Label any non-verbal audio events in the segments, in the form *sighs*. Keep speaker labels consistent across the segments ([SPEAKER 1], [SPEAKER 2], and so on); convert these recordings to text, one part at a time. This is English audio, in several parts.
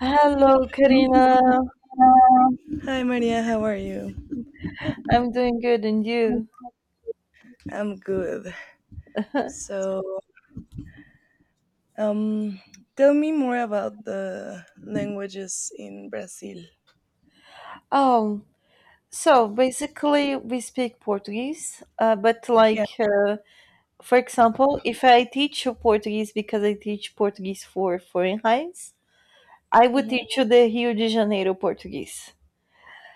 [SPEAKER 1] Hello, Karina.
[SPEAKER 2] Hi Maria, how are you?
[SPEAKER 1] I'm doing good, and you?
[SPEAKER 2] I'm good. So, um, tell me more about the languages in Brazil.
[SPEAKER 1] Oh, so basically, we speak Portuguese,
[SPEAKER 2] Yeah.
[SPEAKER 1] for example, if I teach you Portuguese because I teach Portuguese for foreign highs, I would
[SPEAKER 2] Mhm.
[SPEAKER 1] teach you the Rio de Janeiro Portuguese.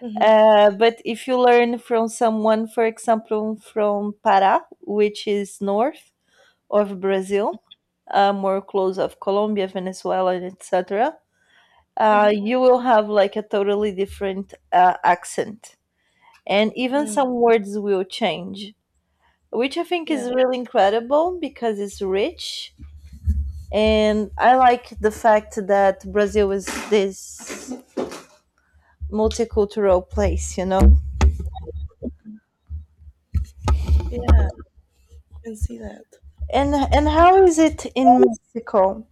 [SPEAKER 2] Mhm.
[SPEAKER 1] But if you learn from someone, for example, from Pará, which is north of Brazil, more close of Colombia, Venezuela, etc,
[SPEAKER 2] Mhm.
[SPEAKER 1] you will have like a totally different accent. And even
[SPEAKER 2] Mm,
[SPEAKER 1] some words will change, which I think is
[SPEAKER 2] yeah.
[SPEAKER 1] really incredible because it's rich. And I like the fact that Brazil is this multicultural place, you know.
[SPEAKER 2] Yeah. I can see that.
[SPEAKER 1] And how is it in Mexico?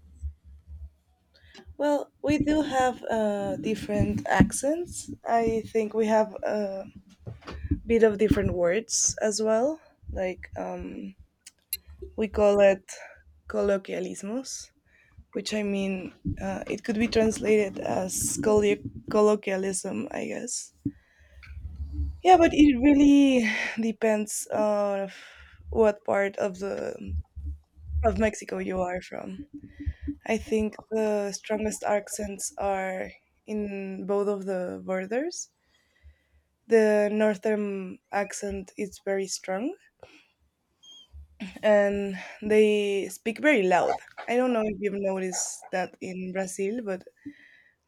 [SPEAKER 2] Well, we do have different accents. I think we have a bit of different words as well. Like, we call it colloquialismos. Which, I mean, it could be translated as colloquialism, I guess. Yeah, but it really *sighs* depends on what part of the of Mexico you are from. I think the strongest accents are in both of the borders. The northern accent is very strong, and they speak very loud. I don't know if you've noticed that in Brazil, but,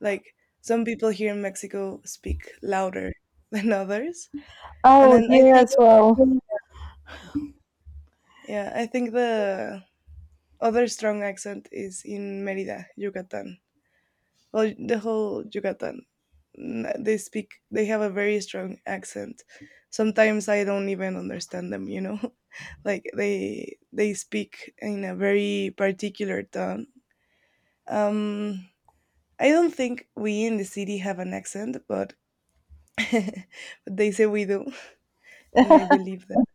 [SPEAKER 2] like some people here in Mexico speak louder *laughs* than others. And
[SPEAKER 1] Oh,
[SPEAKER 2] then I
[SPEAKER 1] here
[SPEAKER 2] think,
[SPEAKER 1] as well.
[SPEAKER 2] yeah, I think the other strong accent is in Merida, Yucatan. Well, the whole Yucatan. They have a very strong accent. Sometimes I don't even understand them. *laughs* Like, they speak in a very particular tone. Um I don't think we in the city have an accent, but *laughs* but they say we do. And I believe that.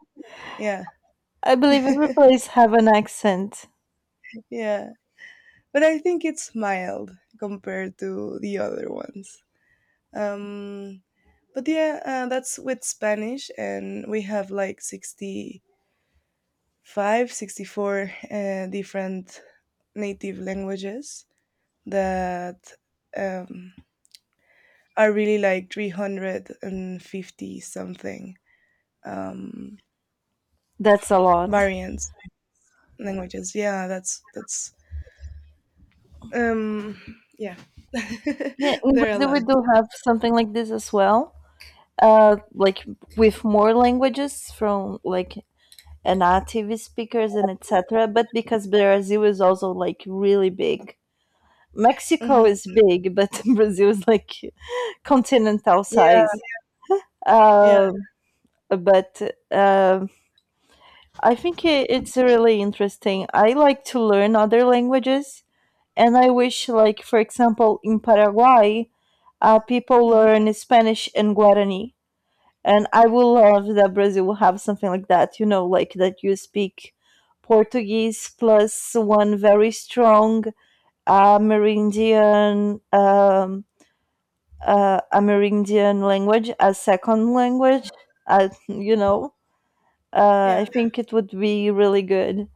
[SPEAKER 2] Yeah,
[SPEAKER 1] I believe every place have an accent.
[SPEAKER 2] yeah. But I think it's mild compared to the other ones. Um, but yeah, that's with Spanish, and we have like 65, 64 different native languages that, um, are really like 350 something, um,
[SPEAKER 1] That's a lot.
[SPEAKER 2] variants, languages, yeah, that's um yeah,
[SPEAKER 1] Yeah,
[SPEAKER 2] *laughs*
[SPEAKER 1] in
[SPEAKER 2] there are a
[SPEAKER 1] Brazil we
[SPEAKER 2] lot.
[SPEAKER 1] do have something like this as well, like with more languages from like a native speakers and etc, but because Brazil is also like really big. Mexico
[SPEAKER 2] Mhm.
[SPEAKER 1] is big, but *laughs* Brazil is like continental size.
[SPEAKER 2] Yeah, yeah.
[SPEAKER 1] Uh, but uh, I think I- It's really interesting. I like to learn other languages, and I wish, like for example in Paraguay, people
[SPEAKER 2] Mhm.
[SPEAKER 1] learn Spanish and Guarani. And I will love that Brazil will have something like that, you know, like that you speak Portuguese plus one very strong Amerindian um, Amerindian language as second language. Uh, you know, I
[SPEAKER 2] Yeah.
[SPEAKER 1] think it would be really good.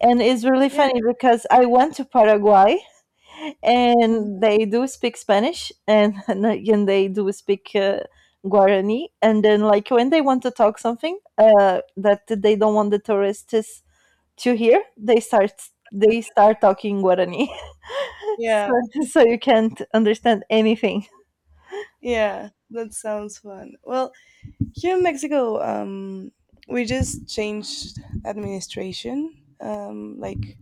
[SPEAKER 1] And it's really
[SPEAKER 2] Yeah.
[SPEAKER 1] funny because I went to Paraguay, and
[SPEAKER 2] Mhm.
[SPEAKER 1] they do speak Spanish and *laughs* and they do speak Guarani. And then, like when they want to talk something that they don't want the tourists to hear, they start talking Guarani, *laughs*
[SPEAKER 2] Yeah.
[SPEAKER 1] so, so you can't understand anything.
[SPEAKER 2] Yeah. That sounds fun. Well, here in Mexico, we just changed administration, like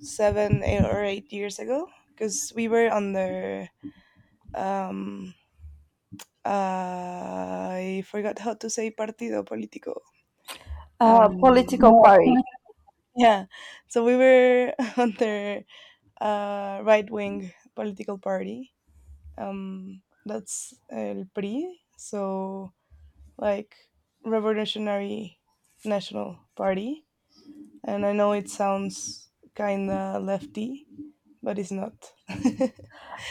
[SPEAKER 2] seven, eight, or 8 years ago, because we were under, um, I forgot how to say partido político. Um,
[SPEAKER 1] Political party.
[SPEAKER 2] yeah. So we were *laughs* under right wing political party, that's el PRI, so like Revolutionary National Party. And I know it sounds kind of lefty, but it's not. *laughs*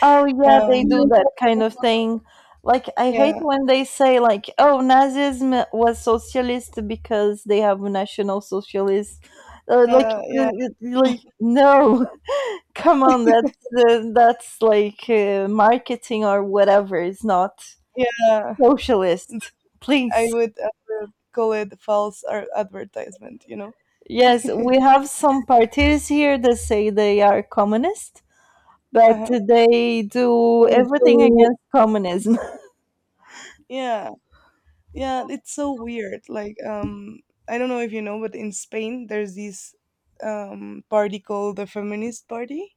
[SPEAKER 1] Oh yeah,
[SPEAKER 2] um,
[SPEAKER 1] they do that kind of thing. Like I hate
[SPEAKER 2] yeah,
[SPEAKER 1] when they say like, "Oh, Nazism was socialist because they have national socialists." Uh, like,
[SPEAKER 2] yeah, yeah,
[SPEAKER 1] no, *laughs* come on, that's like marketing or whatever. It's not
[SPEAKER 2] yeah.
[SPEAKER 1] socialist,
[SPEAKER 2] I
[SPEAKER 1] please.
[SPEAKER 2] would, I would call it false advertisement, you know?
[SPEAKER 1] Yes, we have some parties here that say they are communist, but
[SPEAKER 2] Uh-huh.
[SPEAKER 1] they do everything against communism. *laughs*
[SPEAKER 2] Yeah, yeah, it's so weird. Like, I don't know if you know, but in Spain, there's this, party called the Feminist Party.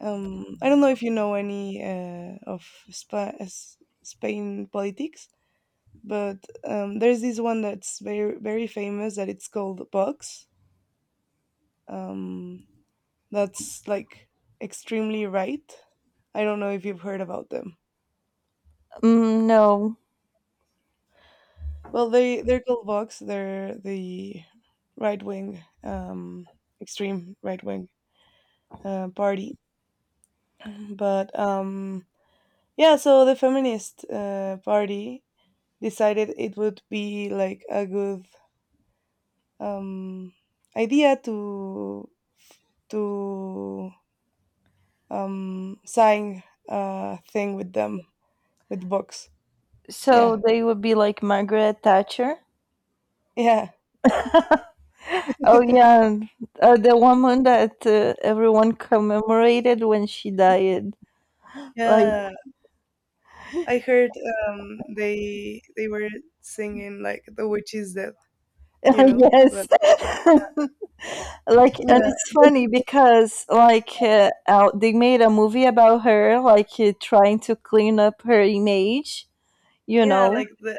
[SPEAKER 2] I don't know if you know any of Spain politics, but, there's this one that's very very famous that it's called Vox. Um, that's like extremely right. I don't know if you've heard about them.
[SPEAKER 1] Mm, no.
[SPEAKER 2] Well, they're called Vox. They're the right wing, extreme right wing party. But, yeah, so the feminist party decided it would be like a good, um, idea to to sign a thing with them, with Vox. Yeah,
[SPEAKER 1] So they would be like Margaret Thatcher.
[SPEAKER 2] yeah,
[SPEAKER 1] Oh
[SPEAKER 2] *laughs*
[SPEAKER 1] yeah, the woman that everyone commemorated when she died. Like
[SPEAKER 2] yeah. I heard, they were singing like the witch's death, you
[SPEAKER 1] *laughs*
[SPEAKER 2] know that.
[SPEAKER 1] yes, *laughs* like, and
[SPEAKER 2] Yeah,
[SPEAKER 1] it's funny because like they made a movie about her, like trying to clean up her image. You know.
[SPEAKER 2] yeah, like the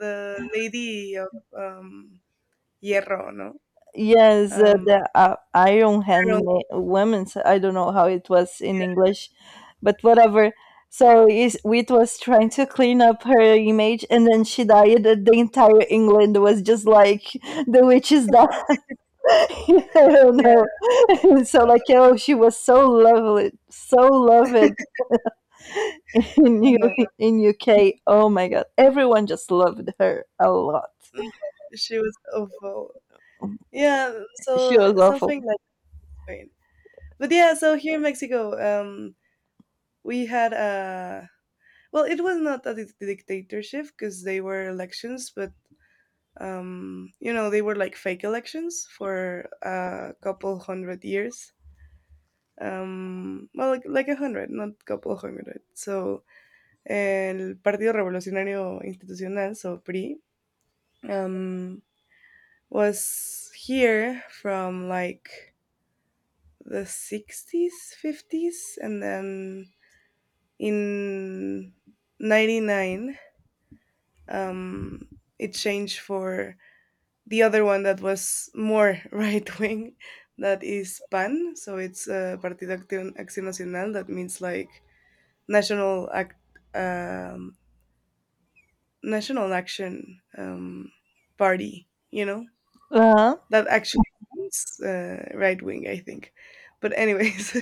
[SPEAKER 2] lady of, um, Hierro, no.
[SPEAKER 1] Yes,
[SPEAKER 2] um
[SPEAKER 1] the Iron
[SPEAKER 2] I
[SPEAKER 1] Hand
[SPEAKER 2] don't-
[SPEAKER 1] Women's. I don't know how it was in English, but whatever. So is Wheat was trying to clean up her image, and then she died, and the entire England was just like, "The witch is done." *laughs* I don't know.
[SPEAKER 2] yeah.
[SPEAKER 1] *laughs* So like, oh, she was so lovely, so loved
[SPEAKER 2] *laughs*
[SPEAKER 1] *laughs* in
[SPEAKER 2] No,
[SPEAKER 1] U- in UK. Oh my God, everyone just loved her a lot.
[SPEAKER 2] no, she was awful. Yeah,
[SPEAKER 1] She
[SPEAKER 2] so
[SPEAKER 1] was awful.
[SPEAKER 2] something like Spain. But yeah, so here in Mexico, we had a, well, it was not a dictatorship because they were elections, but, you know, they were like fake elections for a couple hundred years, well, like, a hundred, not a couple hundred, so el partido revolucionario institucional, so PRI, um, was here from like the 60s, 50s, and then in 99, um, it changed for the other one that was more *laughs* right wing, that is PAN. So it's, Partido Acción Nacional, that means like national act, um, national action, party, you know.
[SPEAKER 1] Uh huh.
[SPEAKER 2] That actually means, right wing, I think, but anyways.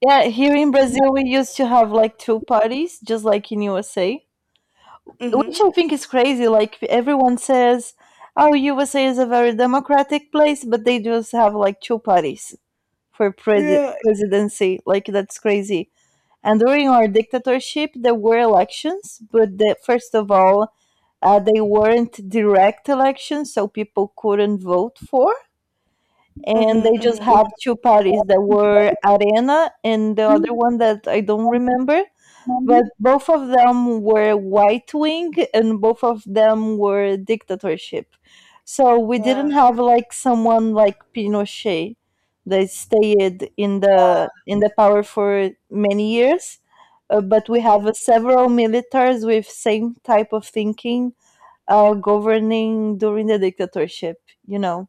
[SPEAKER 1] Yeah, here in Brazil we used to have like two parties, just like in USA,
[SPEAKER 2] *laughs*
[SPEAKER 1] which
[SPEAKER 2] Hmm.
[SPEAKER 1] I think is crazy. Like everyone says, "Oh, USA is a very democratic place," but they just have like two parties for
[SPEAKER 2] Yeah.
[SPEAKER 1] presidency. Like that's crazy. And during our dictatorship, there were elections, but first of all, they weren't direct elections, so people couldn't vote for. And
[SPEAKER 2] Hmm.
[SPEAKER 1] they just
[SPEAKER 2] Hmm.
[SPEAKER 1] have two parties that were Arena and the other one that I don't remember, but both of them were right wing and both of them were dictatorship. So we didn't
[SPEAKER 2] Yeah.
[SPEAKER 1] have like someone like Pinochet that stayed in the power for many years. But we
[SPEAKER 2] Hmm.
[SPEAKER 1] have several militaries with same type of thinking governing during the dictatorship, you know.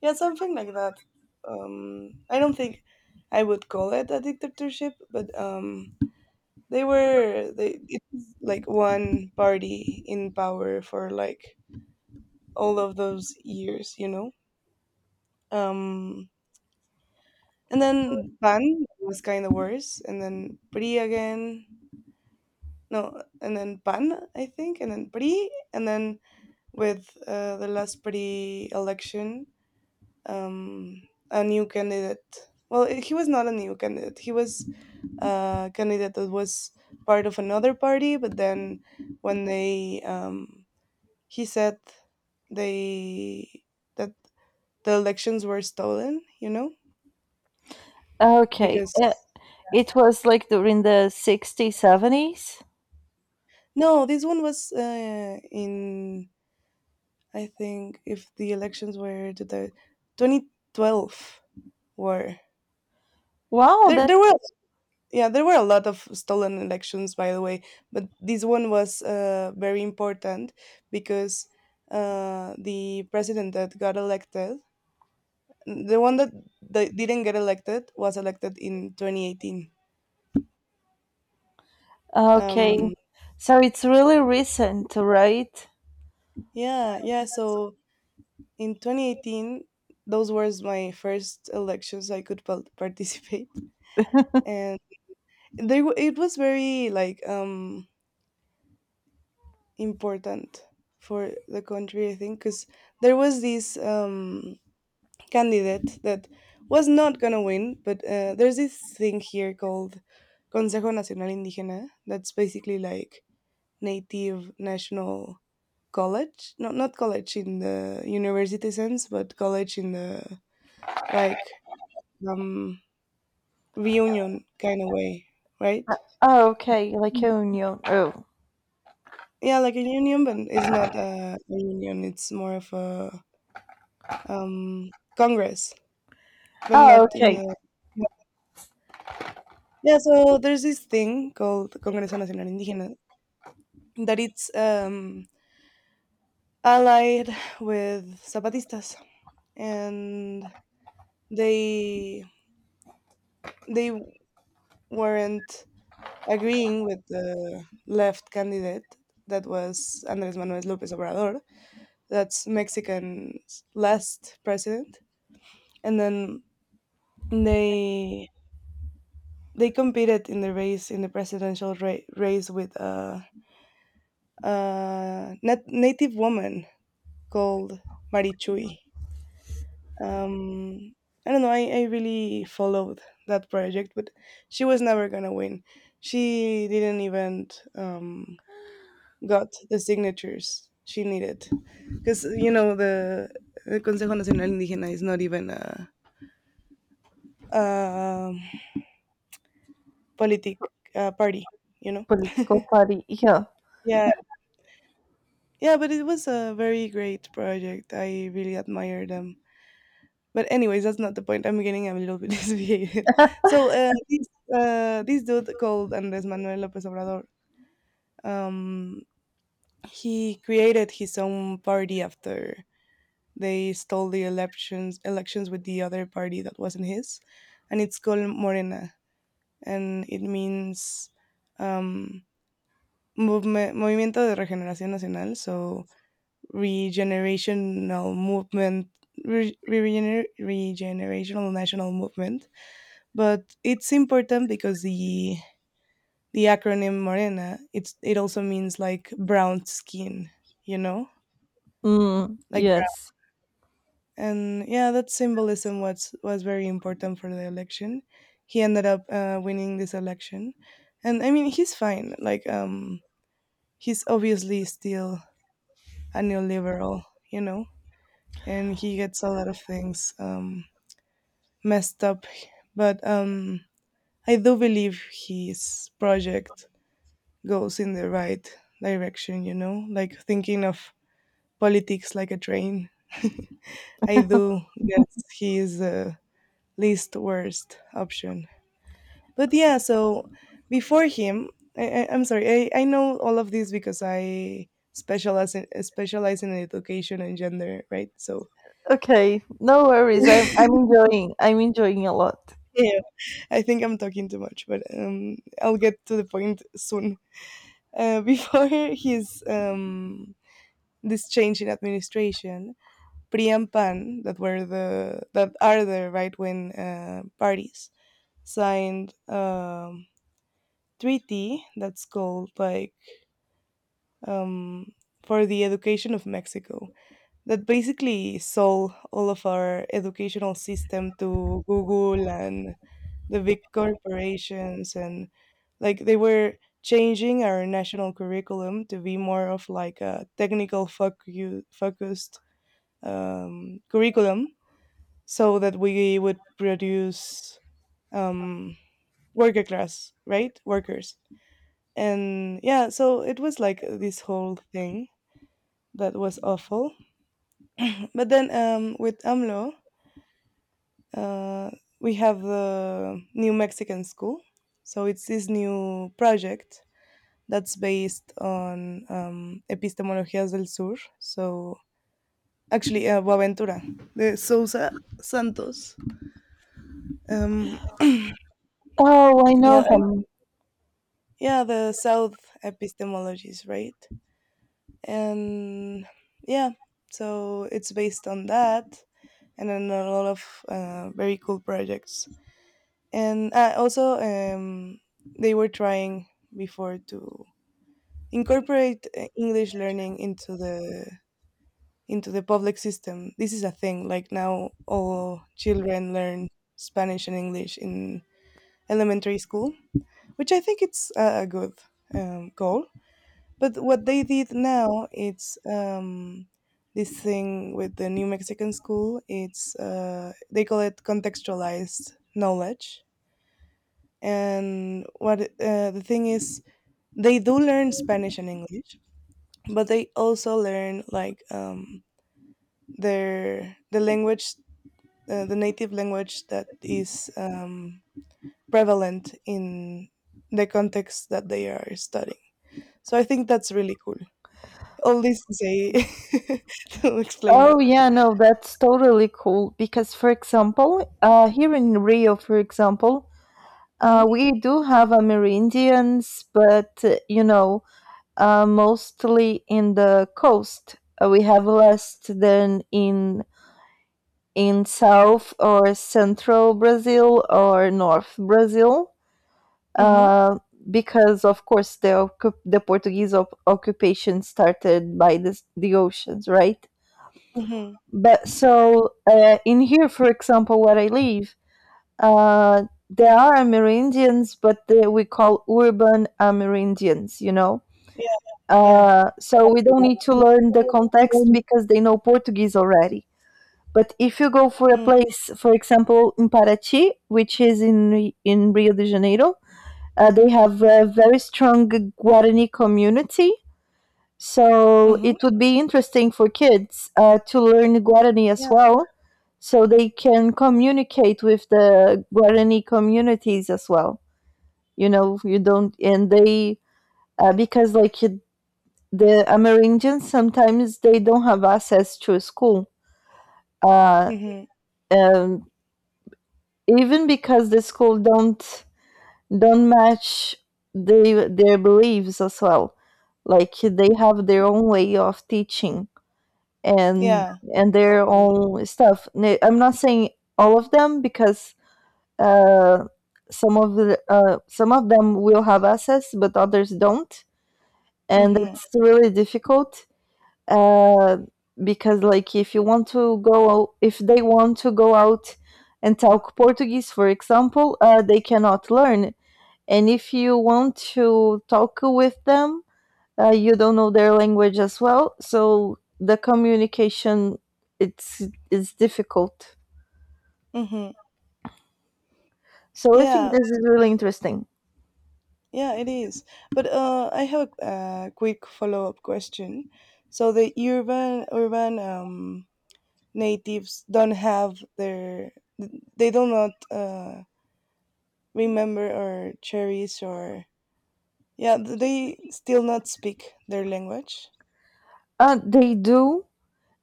[SPEAKER 2] Yeah. Something like that. I don't think I would call it a dictatorship, but They were they it was like one party in power for like all of those years, you know. Um, and then Pan was kind of worse, and then PRI again. No, and then Pan, I think, and then PRI, and then with, the last PRI election, um, a new candidate. Well, he was not a new candidate. He was a candidate that was part of another party, but then when they he said they that the elections were stolen, you know.
[SPEAKER 1] Okay.
[SPEAKER 2] Because
[SPEAKER 1] It was like during the 60s, 70s.
[SPEAKER 2] no, this one was, in, I think, if the elections were to the 2012, were,
[SPEAKER 1] Wow,
[SPEAKER 2] there
[SPEAKER 1] that.
[SPEAKER 2] there were, yeah, there were a lot of stolen elections, by the way. But this one was, very important, because, the president that got elected, the one that didn't get elected was elected in 2018.
[SPEAKER 1] Okay.
[SPEAKER 2] um
[SPEAKER 1] So it's really recent, right?
[SPEAKER 2] Yeah, yeah. So in 2018, those were my first elections I could *laughs* participate, and it was very like, important for the country, I think, because there was this, candidate that was not gonna win, but, there's this thing here called Consejo Nacional Indígena. That's basically like Native National College, not college in the university sense, but college in the, like, um reunion kind of way, right?
[SPEAKER 1] Oh, okay, like a
[SPEAKER 2] Mm.
[SPEAKER 1] union. Oh.
[SPEAKER 2] Yeah, like a union, but it's not a union. It's more of a, congress, but
[SPEAKER 1] Oh,
[SPEAKER 2] not in
[SPEAKER 1] okay.
[SPEAKER 2] the. Yeah. Yeah, so there's this thing called Congreso Nacional Indígena, that it's, allied with Zapatistas, and they they weren't agreeing with the left candidate, that was Andrés Manuel López Obrador, that's Mexican's last president. And then they they competed in the race, in the presidential race, with a native woman called Marichuy. Um, I don't know. I really followed that project, but she was never gonna win. She didn't even, um, got the signatures she needed, because you know the Consejo Nacional Indígena is not even a, um politic party, you know.
[SPEAKER 1] Political party. Yeah.
[SPEAKER 2] Yeah, yeah, but it was a very great project. I really admire them. But anyways, that's not the point. I'm getting a little bit *laughs* desviated. So, this dude called Andres Manuel Lopez Obrador, um, he created his own party after they stole the elections with the other party that wasn't his, and it's called Morena, and it means, um, Movement, Movimiento de Regeneración Nacional, so Regenerational Movement, Regenerational National Movement. But it's important because the acronym Morena, it also means like brown skin, you know,
[SPEAKER 1] Mm,
[SPEAKER 2] like
[SPEAKER 1] yes.
[SPEAKER 2] brown. And yeah, that symbolism was very important for the election. He ended up, winning this election, and I mean he's fine. Like, he's obviously still a neoliberal, you know. And he gets a lot of things, messed up. But, I do believe his project goes in the right direction, you know, like thinking of politics like a train. I do guess he is the least worst option. But yeah, so before him, I'm sorry, I know all of this because I specialize in education and gender, right? So
[SPEAKER 1] Okay. No
[SPEAKER 2] *laughs*
[SPEAKER 1] worries.
[SPEAKER 2] yeah.
[SPEAKER 1] I'm enjoying. I'm enjoying a lot.
[SPEAKER 2] I think I'm talking too much, but, I'll get to the point soon. *laughs* Before his, this change in administration, PRI and PAN, that were the that are the right wing parties, signed a treaty that's called like, um, for the education of Mexico, that basically sold all of our educational system to Google and the big corporations. And like they were changing our national curriculum to be more of like a technical focused, curriculum, so that we would produce, um, worker class, right, workers. And yeah, so it was like this whole thing that was awful. But then, with AMLO, uh, we have the New Mexican School. So it's this new project that's based on, Epistemologías del Sur. So actually, Boaventura de Sousa Santos. Um,
[SPEAKER 1] Oh, I know
[SPEAKER 2] yeah,
[SPEAKER 1] him.
[SPEAKER 2] yeah, the South epistemologies, right? And yeah, so it's based on that, and then a lot of, very cool projects, and, also, they were trying before to incorporate, English learning into the public system. This is a thing, like, now all children learn Spanish and English in elementary school, which I think it's a good, goal. But what they did now, it's, this thing with the New Mexican School, it's, they call it contextualized knowledge. And what, the thing is, they do learn Spanish and English, but they also learn like, the language, the native language that is, prevalent in the context that they are studying. So I think that's really cool. All this to say, *laughs* to explain that.
[SPEAKER 1] Oh, yeah, no, that's totally cool. Because, for example, here in Rio, for example,
[SPEAKER 2] Hmm.
[SPEAKER 1] we do have Amerindians, but you know, mostly in the coast. We have less than in south or central Brazil or north Brazil.
[SPEAKER 2] Hmm.
[SPEAKER 1] Uh, because of course the Portuguese occupation started by this, the oceans, right?
[SPEAKER 2] Hmm.
[SPEAKER 1] But so in here, for example, where I live, there are Amerindians, but they, we call urban Amerindians, you know.
[SPEAKER 2] Yeah. Yeah.
[SPEAKER 1] So we don't need to learn the context because they know Portuguese already. But if you go for a
[SPEAKER 2] Mm-hmm.
[SPEAKER 1] place, for example, in Paraty, which is in Rio de Janeiro, they have a very strong Guarani community. So
[SPEAKER 2] Mm-hmm.
[SPEAKER 1] it would be interesting for kids to learn Guarani as well, so they can communicate with the Guarani communities as well. You know, you don't, and they uh, because like you, the Amerindians sometimes they don't have access to a school, uh,
[SPEAKER 2] Yeah. Hmm.
[SPEAKER 1] um, even because the school don't match their beliefs as well. Like they have their own way of teaching and
[SPEAKER 2] Yeah.
[SPEAKER 1] and their
[SPEAKER 2] Totally.
[SPEAKER 1] own stuff. I'm not saying all of them because uh, some of them will have access, but others don't, and
[SPEAKER 2] Hmm.
[SPEAKER 1] it's really difficult uh, because like if you want to go out, if they want to go out and talk Portuguese, for example, they cannot learn. And if you want to talk with them, you don't know their language as well, so the communication it's is difficult.
[SPEAKER 2] Hmm.
[SPEAKER 1] So I think
[SPEAKER 2] Yeah.
[SPEAKER 1] this is really interesting.
[SPEAKER 2] Yeah, it is. But, I have a, quick follow-up question. So the urban natives don't have their, they do not, remember or cherish, or yeah, they still not speak their language.
[SPEAKER 1] They do.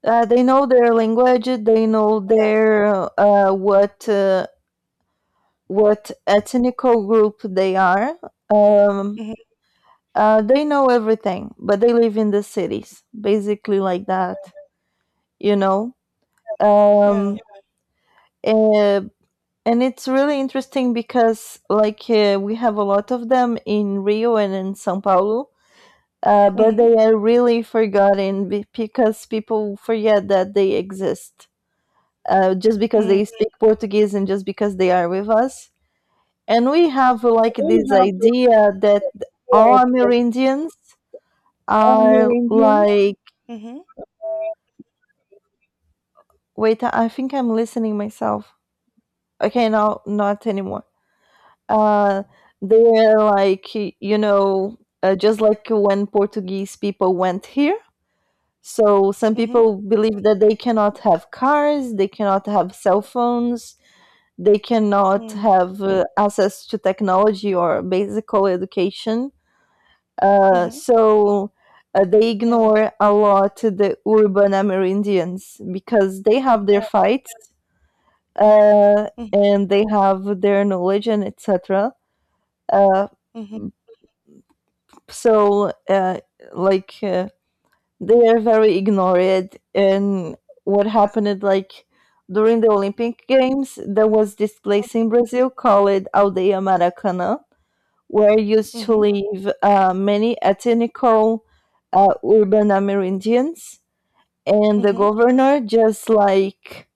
[SPEAKER 1] They know their language. They know
[SPEAKER 2] Yeah.
[SPEAKER 1] their what ethnical group they are. Um,
[SPEAKER 2] Hmm.
[SPEAKER 1] they know everything, but they live in the cities, basically like that, you know. Um,
[SPEAKER 2] Yeah.
[SPEAKER 1] uh, and it's really interesting because, like, we have a lot of them in Rio and in São Paulo, but
[SPEAKER 2] Mhm.
[SPEAKER 1] they are really because people forget that they exist. Just because
[SPEAKER 2] Mm.
[SPEAKER 1] they speak Portuguese and just because they are with us, and we have like this idea that all Amerindians are like,
[SPEAKER 2] Mhm.
[SPEAKER 1] wait, I think I'm listening myself. Okay, no, not anymore. Uh, they're like, you know, just like when Portuguese people went here. So some
[SPEAKER 2] Mhm.
[SPEAKER 1] people believe that they cannot have cars, they cannot have cell phones, they cannot
[SPEAKER 2] Mm.
[SPEAKER 1] have access to technology or basic education. Uh,
[SPEAKER 2] Mhm.
[SPEAKER 1] so they
[SPEAKER 2] Yeah.
[SPEAKER 1] ignore a lot the urban Amerindians because they have their
[SPEAKER 2] Yeah.
[SPEAKER 1] fights
[SPEAKER 2] Mhm.
[SPEAKER 1] and they have their knowledge and etc. Uh,
[SPEAKER 2] Mhm.
[SPEAKER 1] so uh, like uh, they are very ignored, and what happened is, like, during the Olympic Games there was this place in Brazil called Aldeia Maracana where used to
[SPEAKER 2] Mhm.
[SPEAKER 1] live many ethnical urban Amerindians, and the
[SPEAKER 2] Mhm.
[SPEAKER 1] governor just like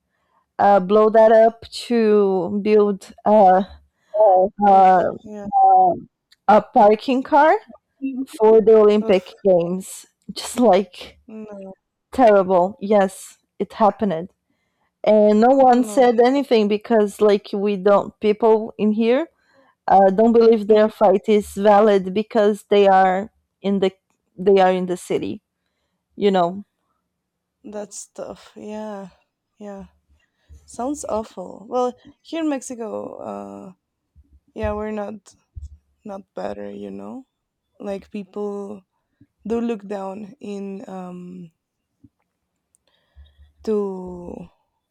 [SPEAKER 1] blow that up to build
[SPEAKER 2] Oh, oof.
[SPEAKER 1] uh,
[SPEAKER 2] Yeah.
[SPEAKER 1] a parking car for the Olympic
[SPEAKER 2] Oof.
[SPEAKER 1] Games. Just like
[SPEAKER 2] No.
[SPEAKER 1] terrible. Yes, it happened, and no one
[SPEAKER 2] No.
[SPEAKER 1] said anything because like we don't, people in here don't believe their
[SPEAKER 2] Mhm.
[SPEAKER 1] fight is valid because they are in the they are in the city. You know.
[SPEAKER 2] That's tough. Yeah. Yeah. Sounds awful. Well, here in Mexico, yeah, we're not better, you know? Like people do look down in to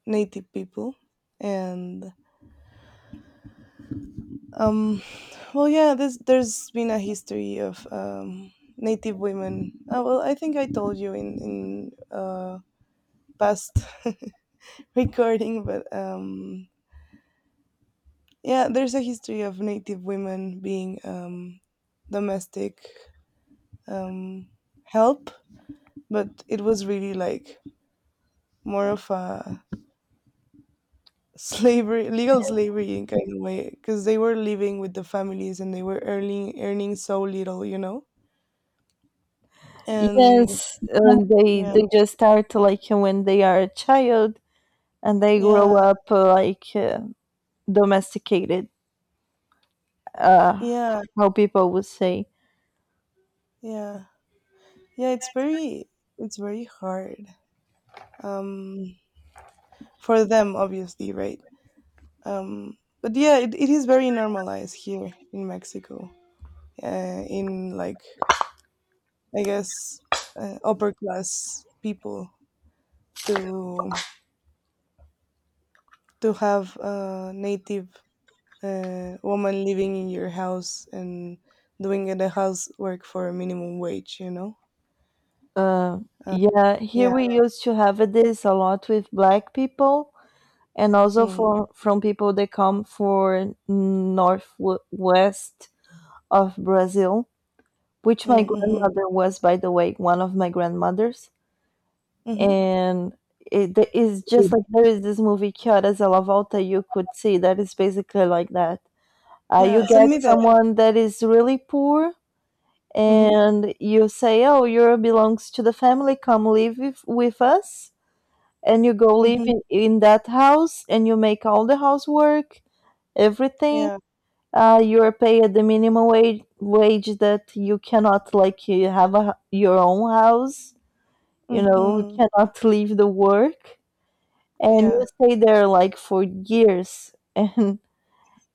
[SPEAKER 2] native people and um well yeah, this there's been a history of native women. Well, I think I told you in past *laughs* recording, but Yeah, there's a history of Native women being domestic um, help, but it was really like more of a slavery, legal slavery in kind of way, because they were living with the families and they were earning so little. And
[SPEAKER 1] Yes,
[SPEAKER 2] yeah, yeah,
[SPEAKER 1] they just start like when they are a child and they grow up domesticated, uh
[SPEAKER 2] yeah,
[SPEAKER 1] how people would say.
[SPEAKER 2] yeah, yeah. It's very hard um, for them, obviously, right? um but yeah, it is very normalized here in Mexico, in like I guess upper class people to have a native woman living in your house and doing the housework for a minimum wage
[SPEAKER 1] uh
[SPEAKER 2] uh,
[SPEAKER 1] yeah, here
[SPEAKER 2] yeah.
[SPEAKER 1] we used to have this a lot with black people, and also
[SPEAKER 2] Mm,
[SPEAKER 1] for from people that come for northwest of Brazil, which my
[SPEAKER 2] mm, mm-hmm,
[SPEAKER 1] grandmother was, by the way, one of my grandmothers.
[SPEAKER 2] mm-hmm.
[SPEAKER 1] And it is just like there is this movie Que Horas Ela Volta, you could see that is basically like that.
[SPEAKER 2] Yeah,
[SPEAKER 1] You
[SPEAKER 2] send
[SPEAKER 1] get
[SPEAKER 2] me that.
[SPEAKER 1] someone that is really poor
[SPEAKER 2] Mm-hmm,
[SPEAKER 1] and you say, oh, you belongs to the family, come live with us, and you go live
[SPEAKER 2] mm-hmm.
[SPEAKER 1] in that house and you make all the housework, everything.
[SPEAKER 2] Yeah,
[SPEAKER 1] You're paid the minimum wage that you cannot, like you have your own house, you know, you
[SPEAKER 2] mm-hmm.
[SPEAKER 1] cannot *laughs* leave the work, and you
[SPEAKER 2] Yeah,
[SPEAKER 1] stay there like for years. *laughs* and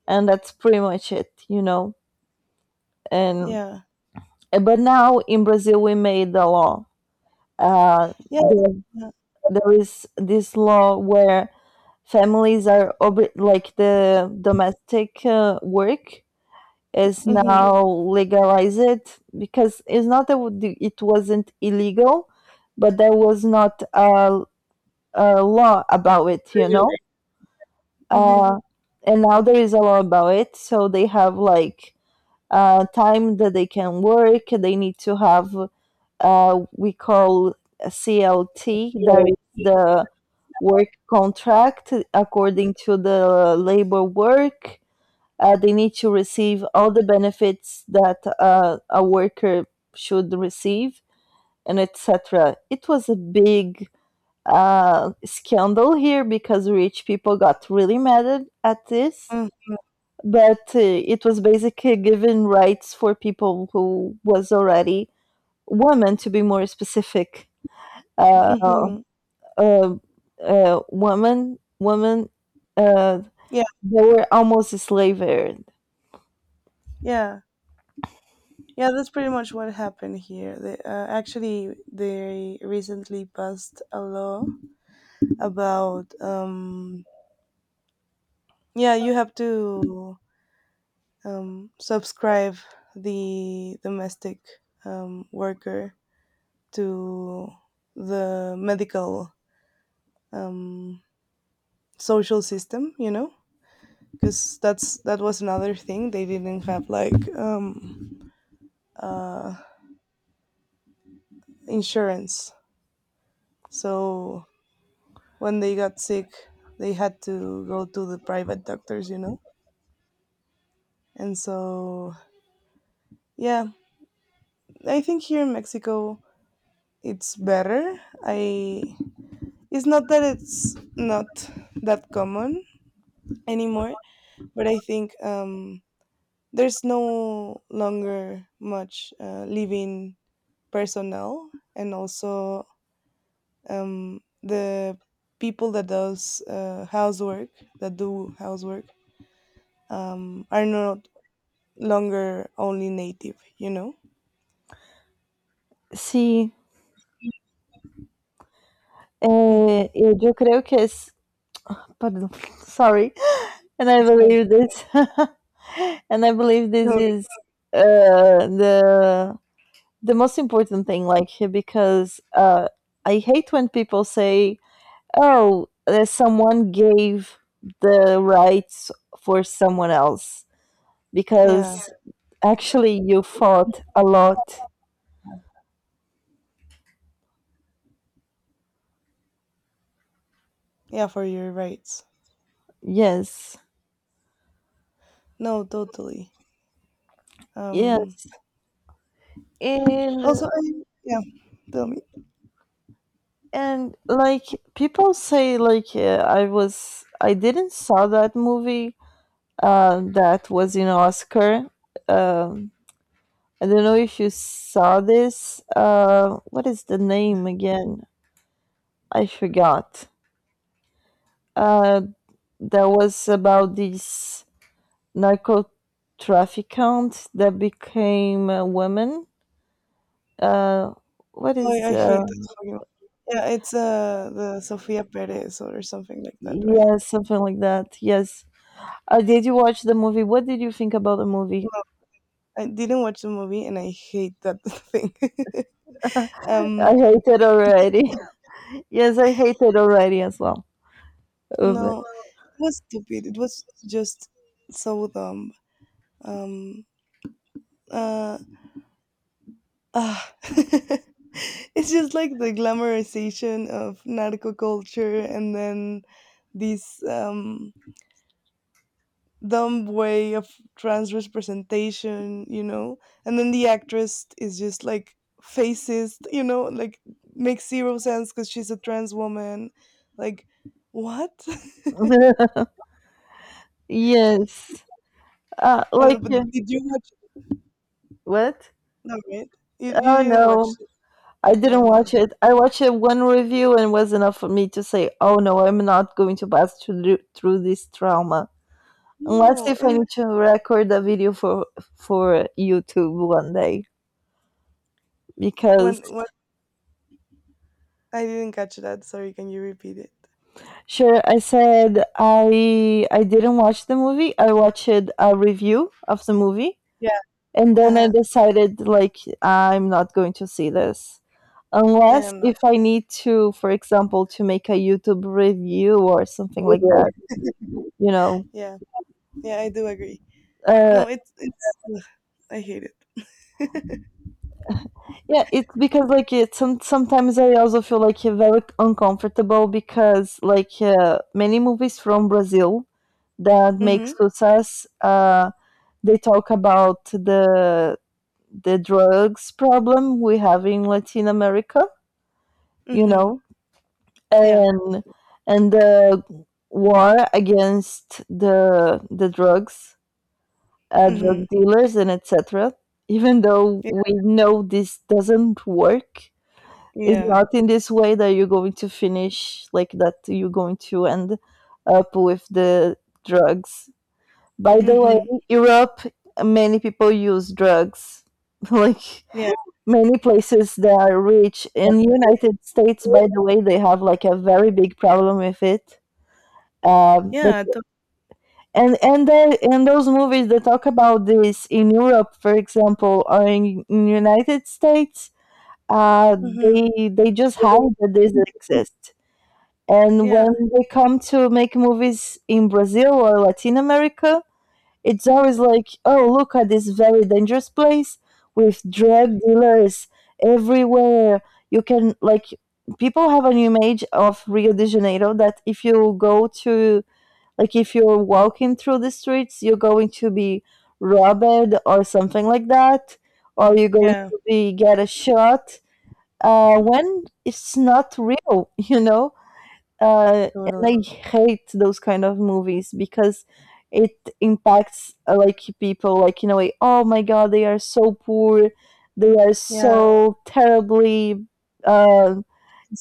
[SPEAKER 1] and that's pretty much it, you know. And
[SPEAKER 2] yeah,
[SPEAKER 1] But now in Brazil, we made the law. Uh,
[SPEAKER 2] yeah,
[SPEAKER 1] there,
[SPEAKER 2] yeah.
[SPEAKER 1] there is this law where families are like the domestic work is
[SPEAKER 2] Mm-hmm,
[SPEAKER 1] now legalized because it's not that it wasn't illegal, but there was not a law about it, you know.
[SPEAKER 2] mm-hmm,
[SPEAKER 1] Uh, and now there is a law about it, so they have like time that they can work. They need to have we call a CLT. There is the work contract according to the labor work. They need to receive all the benefits that a worker should receive and etc. It was a big scandal here because rich people got really mad at this.
[SPEAKER 2] mm-hmm.
[SPEAKER 1] But it was basically giving rights for people who was already women, to be more specific. Uh,
[SPEAKER 2] Mm-hmm.
[SPEAKER 1] uh, women, uh,
[SPEAKER 2] Yeah,
[SPEAKER 1] they were almost enslaved.
[SPEAKER 2] yeah, yeah. That's pretty much what happened here. They, actually, they recently passed a law about yeah, you have to subscribe the domestic worker to the medical um, social system. You know, because that was another thing they didn't have like uh, insurance. So when they got sick, they had to go to the private doctors, you know? And so, yeah, I think here in Mexico, it's better. I it's not that common anymore, but I think there's no longer much living personnel, and also the people that do housework are not longer only native, you know?
[SPEAKER 1] Sí,
[SPEAKER 2] Mm-hmm.
[SPEAKER 1] yo creo que es, pardon, *laughs* sorry, and I
[SPEAKER 2] That's right.
[SPEAKER 1] believe this, *laughs* and I believe this
[SPEAKER 2] No,
[SPEAKER 1] is uh, the the most important thing, like because I hate when people say, "Oh, someone gave the rights for someone else."
[SPEAKER 2] yeah,
[SPEAKER 1] Because actually you fought a lot.
[SPEAKER 2] yeah, for your rights.
[SPEAKER 1] Yes,
[SPEAKER 2] No, totally. Um,
[SPEAKER 1] yes, and
[SPEAKER 2] Also, yeah, tell me.
[SPEAKER 1] like people say, like I didn't saw that movie. That was in Oscar. Um, I don't know if you saw this. What is the name again? I forgot. Uh, that was about this narco trafficant that became a woman. Uh, what
[SPEAKER 2] Oh,
[SPEAKER 1] is
[SPEAKER 2] I hate that fucking. Yeah, it's the Sofia Perez or something like that, right?
[SPEAKER 1] yes, something like that. Yes. Did you watch the movie? What did you think about the
[SPEAKER 2] No,
[SPEAKER 1] movie?
[SPEAKER 2] I didn't watch the movie and I hate that *laughs* thing. *laughs*
[SPEAKER 1] I
[SPEAKER 2] um,
[SPEAKER 1] hate it already. *laughs* Yes, I hate it already as well.
[SPEAKER 2] no,
[SPEAKER 1] But-
[SPEAKER 2] it was stupid. It was just so dumb. Um, Uh. Ah, *laughs* it's just like the glamorization of narco culture and then this dumb way of trans representation, you know? And then the actress is just like facist, like makes zero sense because she's a trans woman. Like, what? *laughs*
[SPEAKER 1] *laughs* yes. Uh, like
[SPEAKER 2] and but
[SPEAKER 1] uh,
[SPEAKER 2] did you watch?
[SPEAKER 1] what?
[SPEAKER 2] No, right? You
[SPEAKER 1] Oh
[SPEAKER 2] didn't
[SPEAKER 1] no.
[SPEAKER 2] watch it.
[SPEAKER 1] I didn't
[SPEAKER 2] Yeah, no.
[SPEAKER 1] watch it. I watched it one review and it was enough for me to say, "Oh no, I'm not going to pass through this trauma." Unless
[SPEAKER 2] No,
[SPEAKER 1] if I
[SPEAKER 2] and
[SPEAKER 1] need to record a video for YouTube one day because...
[SPEAKER 2] when, what I didn't catch that, sorry, can you repeat it?
[SPEAKER 1] Sure. I said I didn't watch the movie. I watched a review of the movie,
[SPEAKER 2] Yeah.
[SPEAKER 1] and then I
[SPEAKER 2] Uh-huh.
[SPEAKER 1] decided like I'm not going to see this
[SPEAKER 2] Yeah,
[SPEAKER 1] unless
[SPEAKER 2] no.
[SPEAKER 1] if I need to, for example, to make a YouTube review or something like
[SPEAKER 2] Anyway.
[SPEAKER 1] that. You know.
[SPEAKER 2] Yeah. Yeah, I do agree.
[SPEAKER 1] Uh,
[SPEAKER 2] No, it's ugh, I hate it.
[SPEAKER 1] yeah, it's because like sometimes I also feel like very uncomfortable because many movies from Brazil that make
[SPEAKER 2] Mhm.
[SPEAKER 1] success, they talk about the drugs problem we have in Latin America, you
[SPEAKER 2] Mhm.
[SPEAKER 1] know,
[SPEAKER 2] Yeah.
[SPEAKER 1] and the war against the
[SPEAKER 2] Mhm.
[SPEAKER 1] drug dealers, and etc. Even though
[SPEAKER 2] Yeah.
[SPEAKER 1] we know this doesn't work, it's
[SPEAKER 2] Yeah.
[SPEAKER 1] not in this way that you're going to finish like that. You're going to end up with the drugs. By the way,
[SPEAKER 2] Mhm.
[SPEAKER 1] Europe, many people use drugs *laughs* like
[SPEAKER 2] Yeah.
[SPEAKER 1] many places that are rich. In United States, by the way, they have like a very big problem with it. But
[SPEAKER 2] Yeah.
[SPEAKER 1] And they, and those movies that talk about this in Europe, for example, or in United States, uh,
[SPEAKER 2] Mhm.
[SPEAKER 1] they just hide that this exists, and when
[SPEAKER 2] Yeah.
[SPEAKER 1] they come to make movies in Brazil or Latin America, it's always like, oh, look at this very dangerous place with drug dealers everywhere. You can, like, people have an image of Rio de Janeiro that if you go to, like, if you're walking through the streets, you're going to be robbed or something like that, or you're going
[SPEAKER 2] Yeah.
[SPEAKER 1] to be get a shot. When it's not real, *laughs* you know, and
[SPEAKER 2] Totally.
[SPEAKER 1] I hate those kind of movies because it impacts like people like in a way. Oh my god, they are so poor. They are
[SPEAKER 2] Yeah.
[SPEAKER 1] so terribly uh,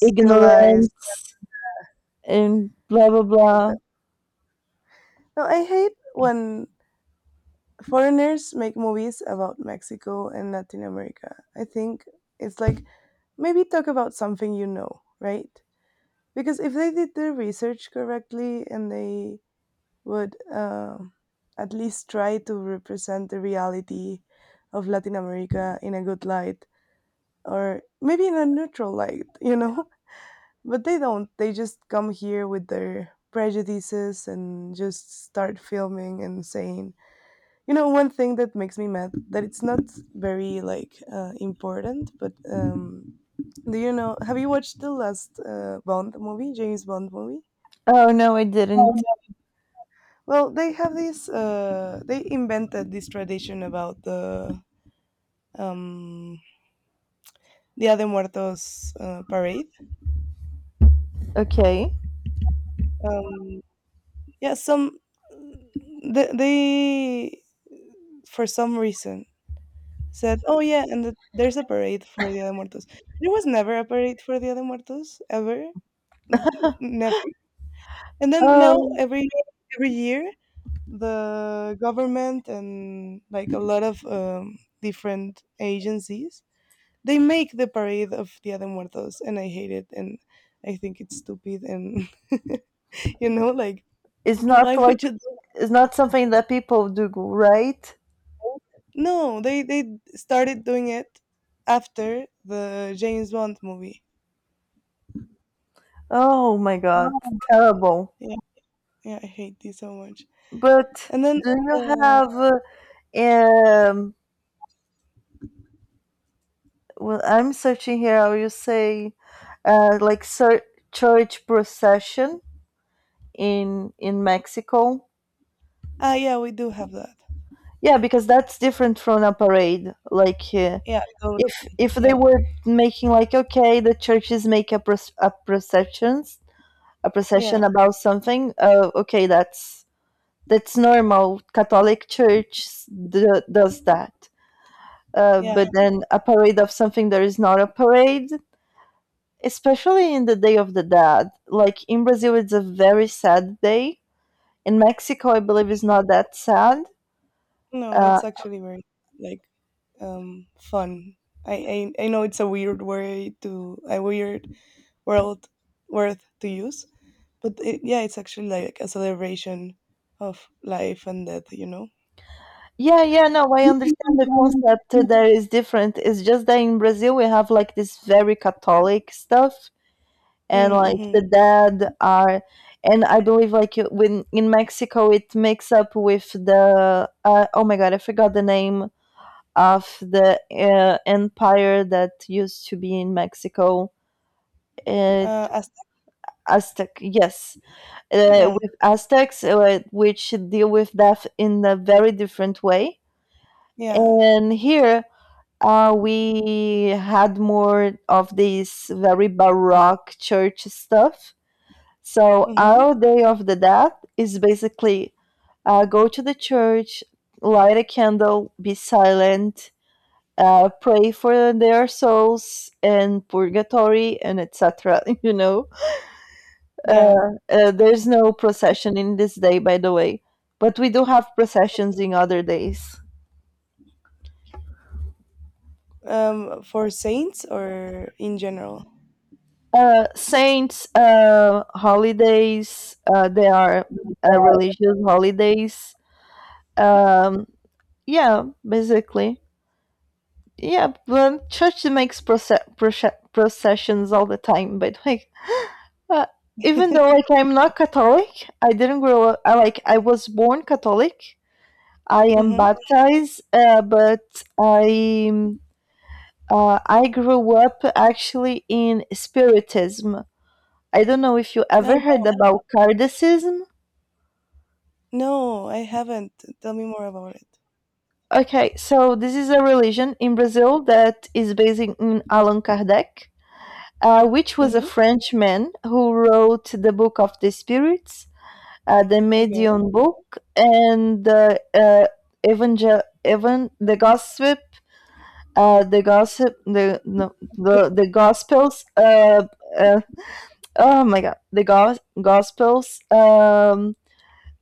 [SPEAKER 1] ignorant and blah blah
[SPEAKER 2] Like
[SPEAKER 1] blah.
[SPEAKER 2] that. No, I hate when foreigners make movies about Mexico and Latin America. I think it's like maybe talk about something, you know, right? Because if they did their research correctly and they would at least try to represent the reality of Latin America in a good light or maybe in a neutral light, you know? *laughs* But they don't. They just come here with their prejudices and just start filming and saying, one thing that makes me mad that it's not very like important, but do you know? Have you watched the last James Bond movie?
[SPEAKER 1] Oh no, I didn't.
[SPEAKER 2] Well, they have this. They invented this tradition about the um, Dia de Muertos parade.
[SPEAKER 1] Okay.
[SPEAKER 2] Um, yeah, they for some reason said, "Oh yeah, and the, there's a parade for Dia de Muertos." There was never a parade for Dia de Muertos ever, N- never. And then now
[SPEAKER 1] Oh,
[SPEAKER 2] every year the government and like a lot of different agencies they make the parade of Dia de Muertos, and I hate it, and I think it's stupid, and *laughs* like
[SPEAKER 1] it's not
[SPEAKER 2] why
[SPEAKER 1] like...
[SPEAKER 2] would you?
[SPEAKER 1] it's not something that people do, right?
[SPEAKER 2] No, they started doing it after the James Bond movie.
[SPEAKER 1] Oh my god, terrible.
[SPEAKER 2] Yeah, yeah, I hate this so much.
[SPEAKER 1] But
[SPEAKER 2] And then,
[SPEAKER 1] do you
[SPEAKER 2] uh,
[SPEAKER 1] have um well, I'm searching here. How you say, uh, like ser- church procession in Mexico?
[SPEAKER 2] ah, yeah, we do have that.
[SPEAKER 1] Yeah, because that's different from a parade. Like,
[SPEAKER 2] Yeah, so
[SPEAKER 1] if they
[SPEAKER 2] yeah,
[SPEAKER 1] were making like, okay, the churches make a, a processions, a
[SPEAKER 2] yeah,
[SPEAKER 1] procession about something. Okay, that's normal. Catholic Church does that.
[SPEAKER 2] yeah.
[SPEAKER 1] But then a parade of something that is not a parade, especially in the Day of the Dead. Like in Brazil, it's a very sad day. In Mexico, I believe it's not that sad.
[SPEAKER 2] No,
[SPEAKER 1] Uh,
[SPEAKER 2] it's actually very like fun. I know it's a weird way to a weird world word to use, but yeah, it's actually like a celebration of life and death.
[SPEAKER 1] yeah, yeah, no, I understand the concept there is different. It's just that in Brazil we have like this very Catholic stuff, and like the
[SPEAKER 2] Mm-hmm.
[SPEAKER 1] dead are, and I believe like when in Mexico it makes up with the oh my god, I forgot the name of the empire that used to be in Mexico. It...
[SPEAKER 2] As
[SPEAKER 1] Aztec, yes,
[SPEAKER 2] Yeah,
[SPEAKER 1] with Aztecs, which deal with death in a very different way.
[SPEAKER 2] yeah,
[SPEAKER 1] And here we had more of this very Baroque church stuff. So our
[SPEAKER 2] mm-hmm.
[SPEAKER 1] Day of the Dead is basically go to the church, light a candle, be silent, pray for their souls and purgatory and etc. *laughs* You know, Uh,
[SPEAKER 2] Yeah.
[SPEAKER 1] there's no procession in this day, by the way, but we do have processions in other days.
[SPEAKER 2] For saints or in general.
[SPEAKER 1] Saints, holidays, they are religious holidays. Um, yeah, basically. Yeah, but church makes processions all the time, by the way. Uh, even though like I'm not Catholic, I didn't grow up. I was born Catholic. I am
[SPEAKER 2] Mm-hmm.
[SPEAKER 1] baptized, but I... I grew up actually in Spiritism. I don't know if you
[SPEAKER 2] No,
[SPEAKER 1] ever heard about Kardecism.
[SPEAKER 2] no, I haven't. Tell me more about it.
[SPEAKER 1] Okay, so this is a religion in Brazil that is based in Allan Kardec, which was a
[SPEAKER 2] Mm-hmm.
[SPEAKER 1] Frenchman who wrote the Book of the Spirits, the
[SPEAKER 2] Okay.
[SPEAKER 1] Medium Book, and the the Gossip, the Gossip, the no, the Gospels uh, oh my god gospels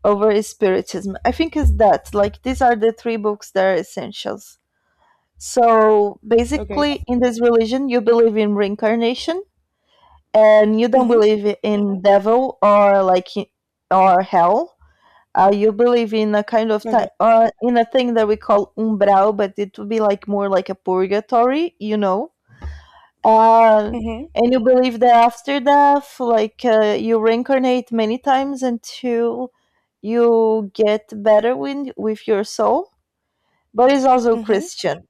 [SPEAKER 1] over spiritism. I think it's that, like, these are the three books that are essentials. So
[SPEAKER 2] Okay.
[SPEAKER 1] basically in this religion you believe in reincarnation and you don't
[SPEAKER 2] Mm-hmm.
[SPEAKER 1] believe in devil or or hell. Uh, you believe in a kind of ti
[SPEAKER 2] Okay.
[SPEAKER 1] in a thing that we call umbral, but it would be like more like a purgatory, you know. Uh,
[SPEAKER 2] Mm-hmm.
[SPEAKER 1] and you believe that after death, like you reincarnate many times until you get better with your soul, but it's also
[SPEAKER 2] Mm-hmm.
[SPEAKER 1] Christian.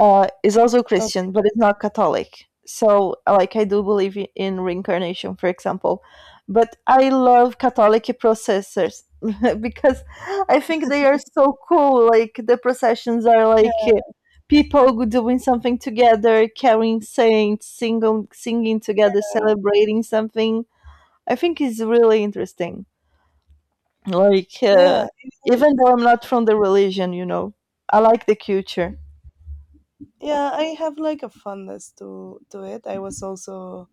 [SPEAKER 1] Uh, is also Christian, but it's not Catholic. So, like, I do believe in reincarnation, for example. But I love Catholic processors *laughs* because I think they are so cool. Like, the processions are
[SPEAKER 2] Yeah,
[SPEAKER 1] like people doing something together, carrying saints, singing, singing together, celebrating something. I think it's really interesting. Like,
[SPEAKER 2] yeah, it
[SPEAKER 1] even
[SPEAKER 2] is.
[SPEAKER 1] though I'm not from the religion, you know, I like the culture.
[SPEAKER 2] Yeah, I have like a fondness to it. I was also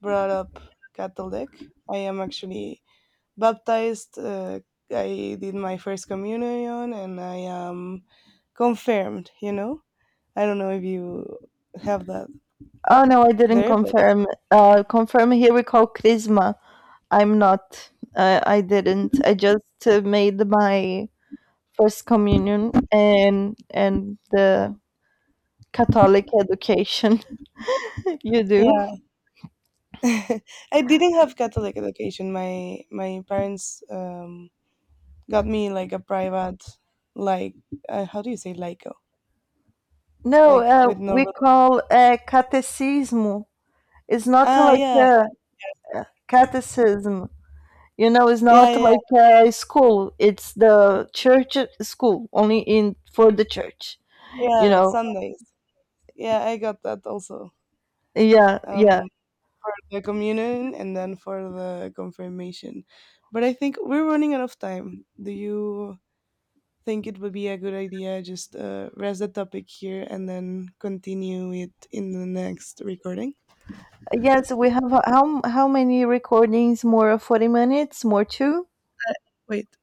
[SPEAKER 2] brought up Catholic. I am actually baptized. I did my first communion, and I am confirmed. I don't know if you have that
[SPEAKER 1] Oh no, I didn't
[SPEAKER 2] there, but
[SPEAKER 1] confirm. Confirm here we call Chrisma. I'm not. I didn't. I just made my first communion and the Catholic education *laughs* you do.
[SPEAKER 2] yeah, *laughs* I didn't have Catholic education. My parents got me like a private, like how do you say, laico,
[SPEAKER 1] No,
[SPEAKER 2] like with no.
[SPEAKER 1] we call catecismo. It's not
[SPEAKER 2] Ah,
[SPEAKER 1] like
[SPEAKER 2] yeah,
[SPEAKER 1] a catechism. You know, it's
[SPEAKER 2] yeah,
[SPEAKER 1] not
[SPEAKER 2] yeah,
[SPEAKER 1] like a school. It's the church school, only in for the church. You
[SPEAKER 2] yeah.
[SPEAKER 1] know,
[SPEAKER 2] Sundays. Yeah, I got that also.
[SPEAKER 1] yeah, yeah.
[SPEAKER 2] Um, for the communion and then for the confirmation. But I think we're running out of time. Do you think it would be a good idea just rest the topic here and then continue it in the next recording?
[SPEAKER 1] Yes, we have how many recordings? More of 40 minutes, more two?
[SPEAKER 2] Wait.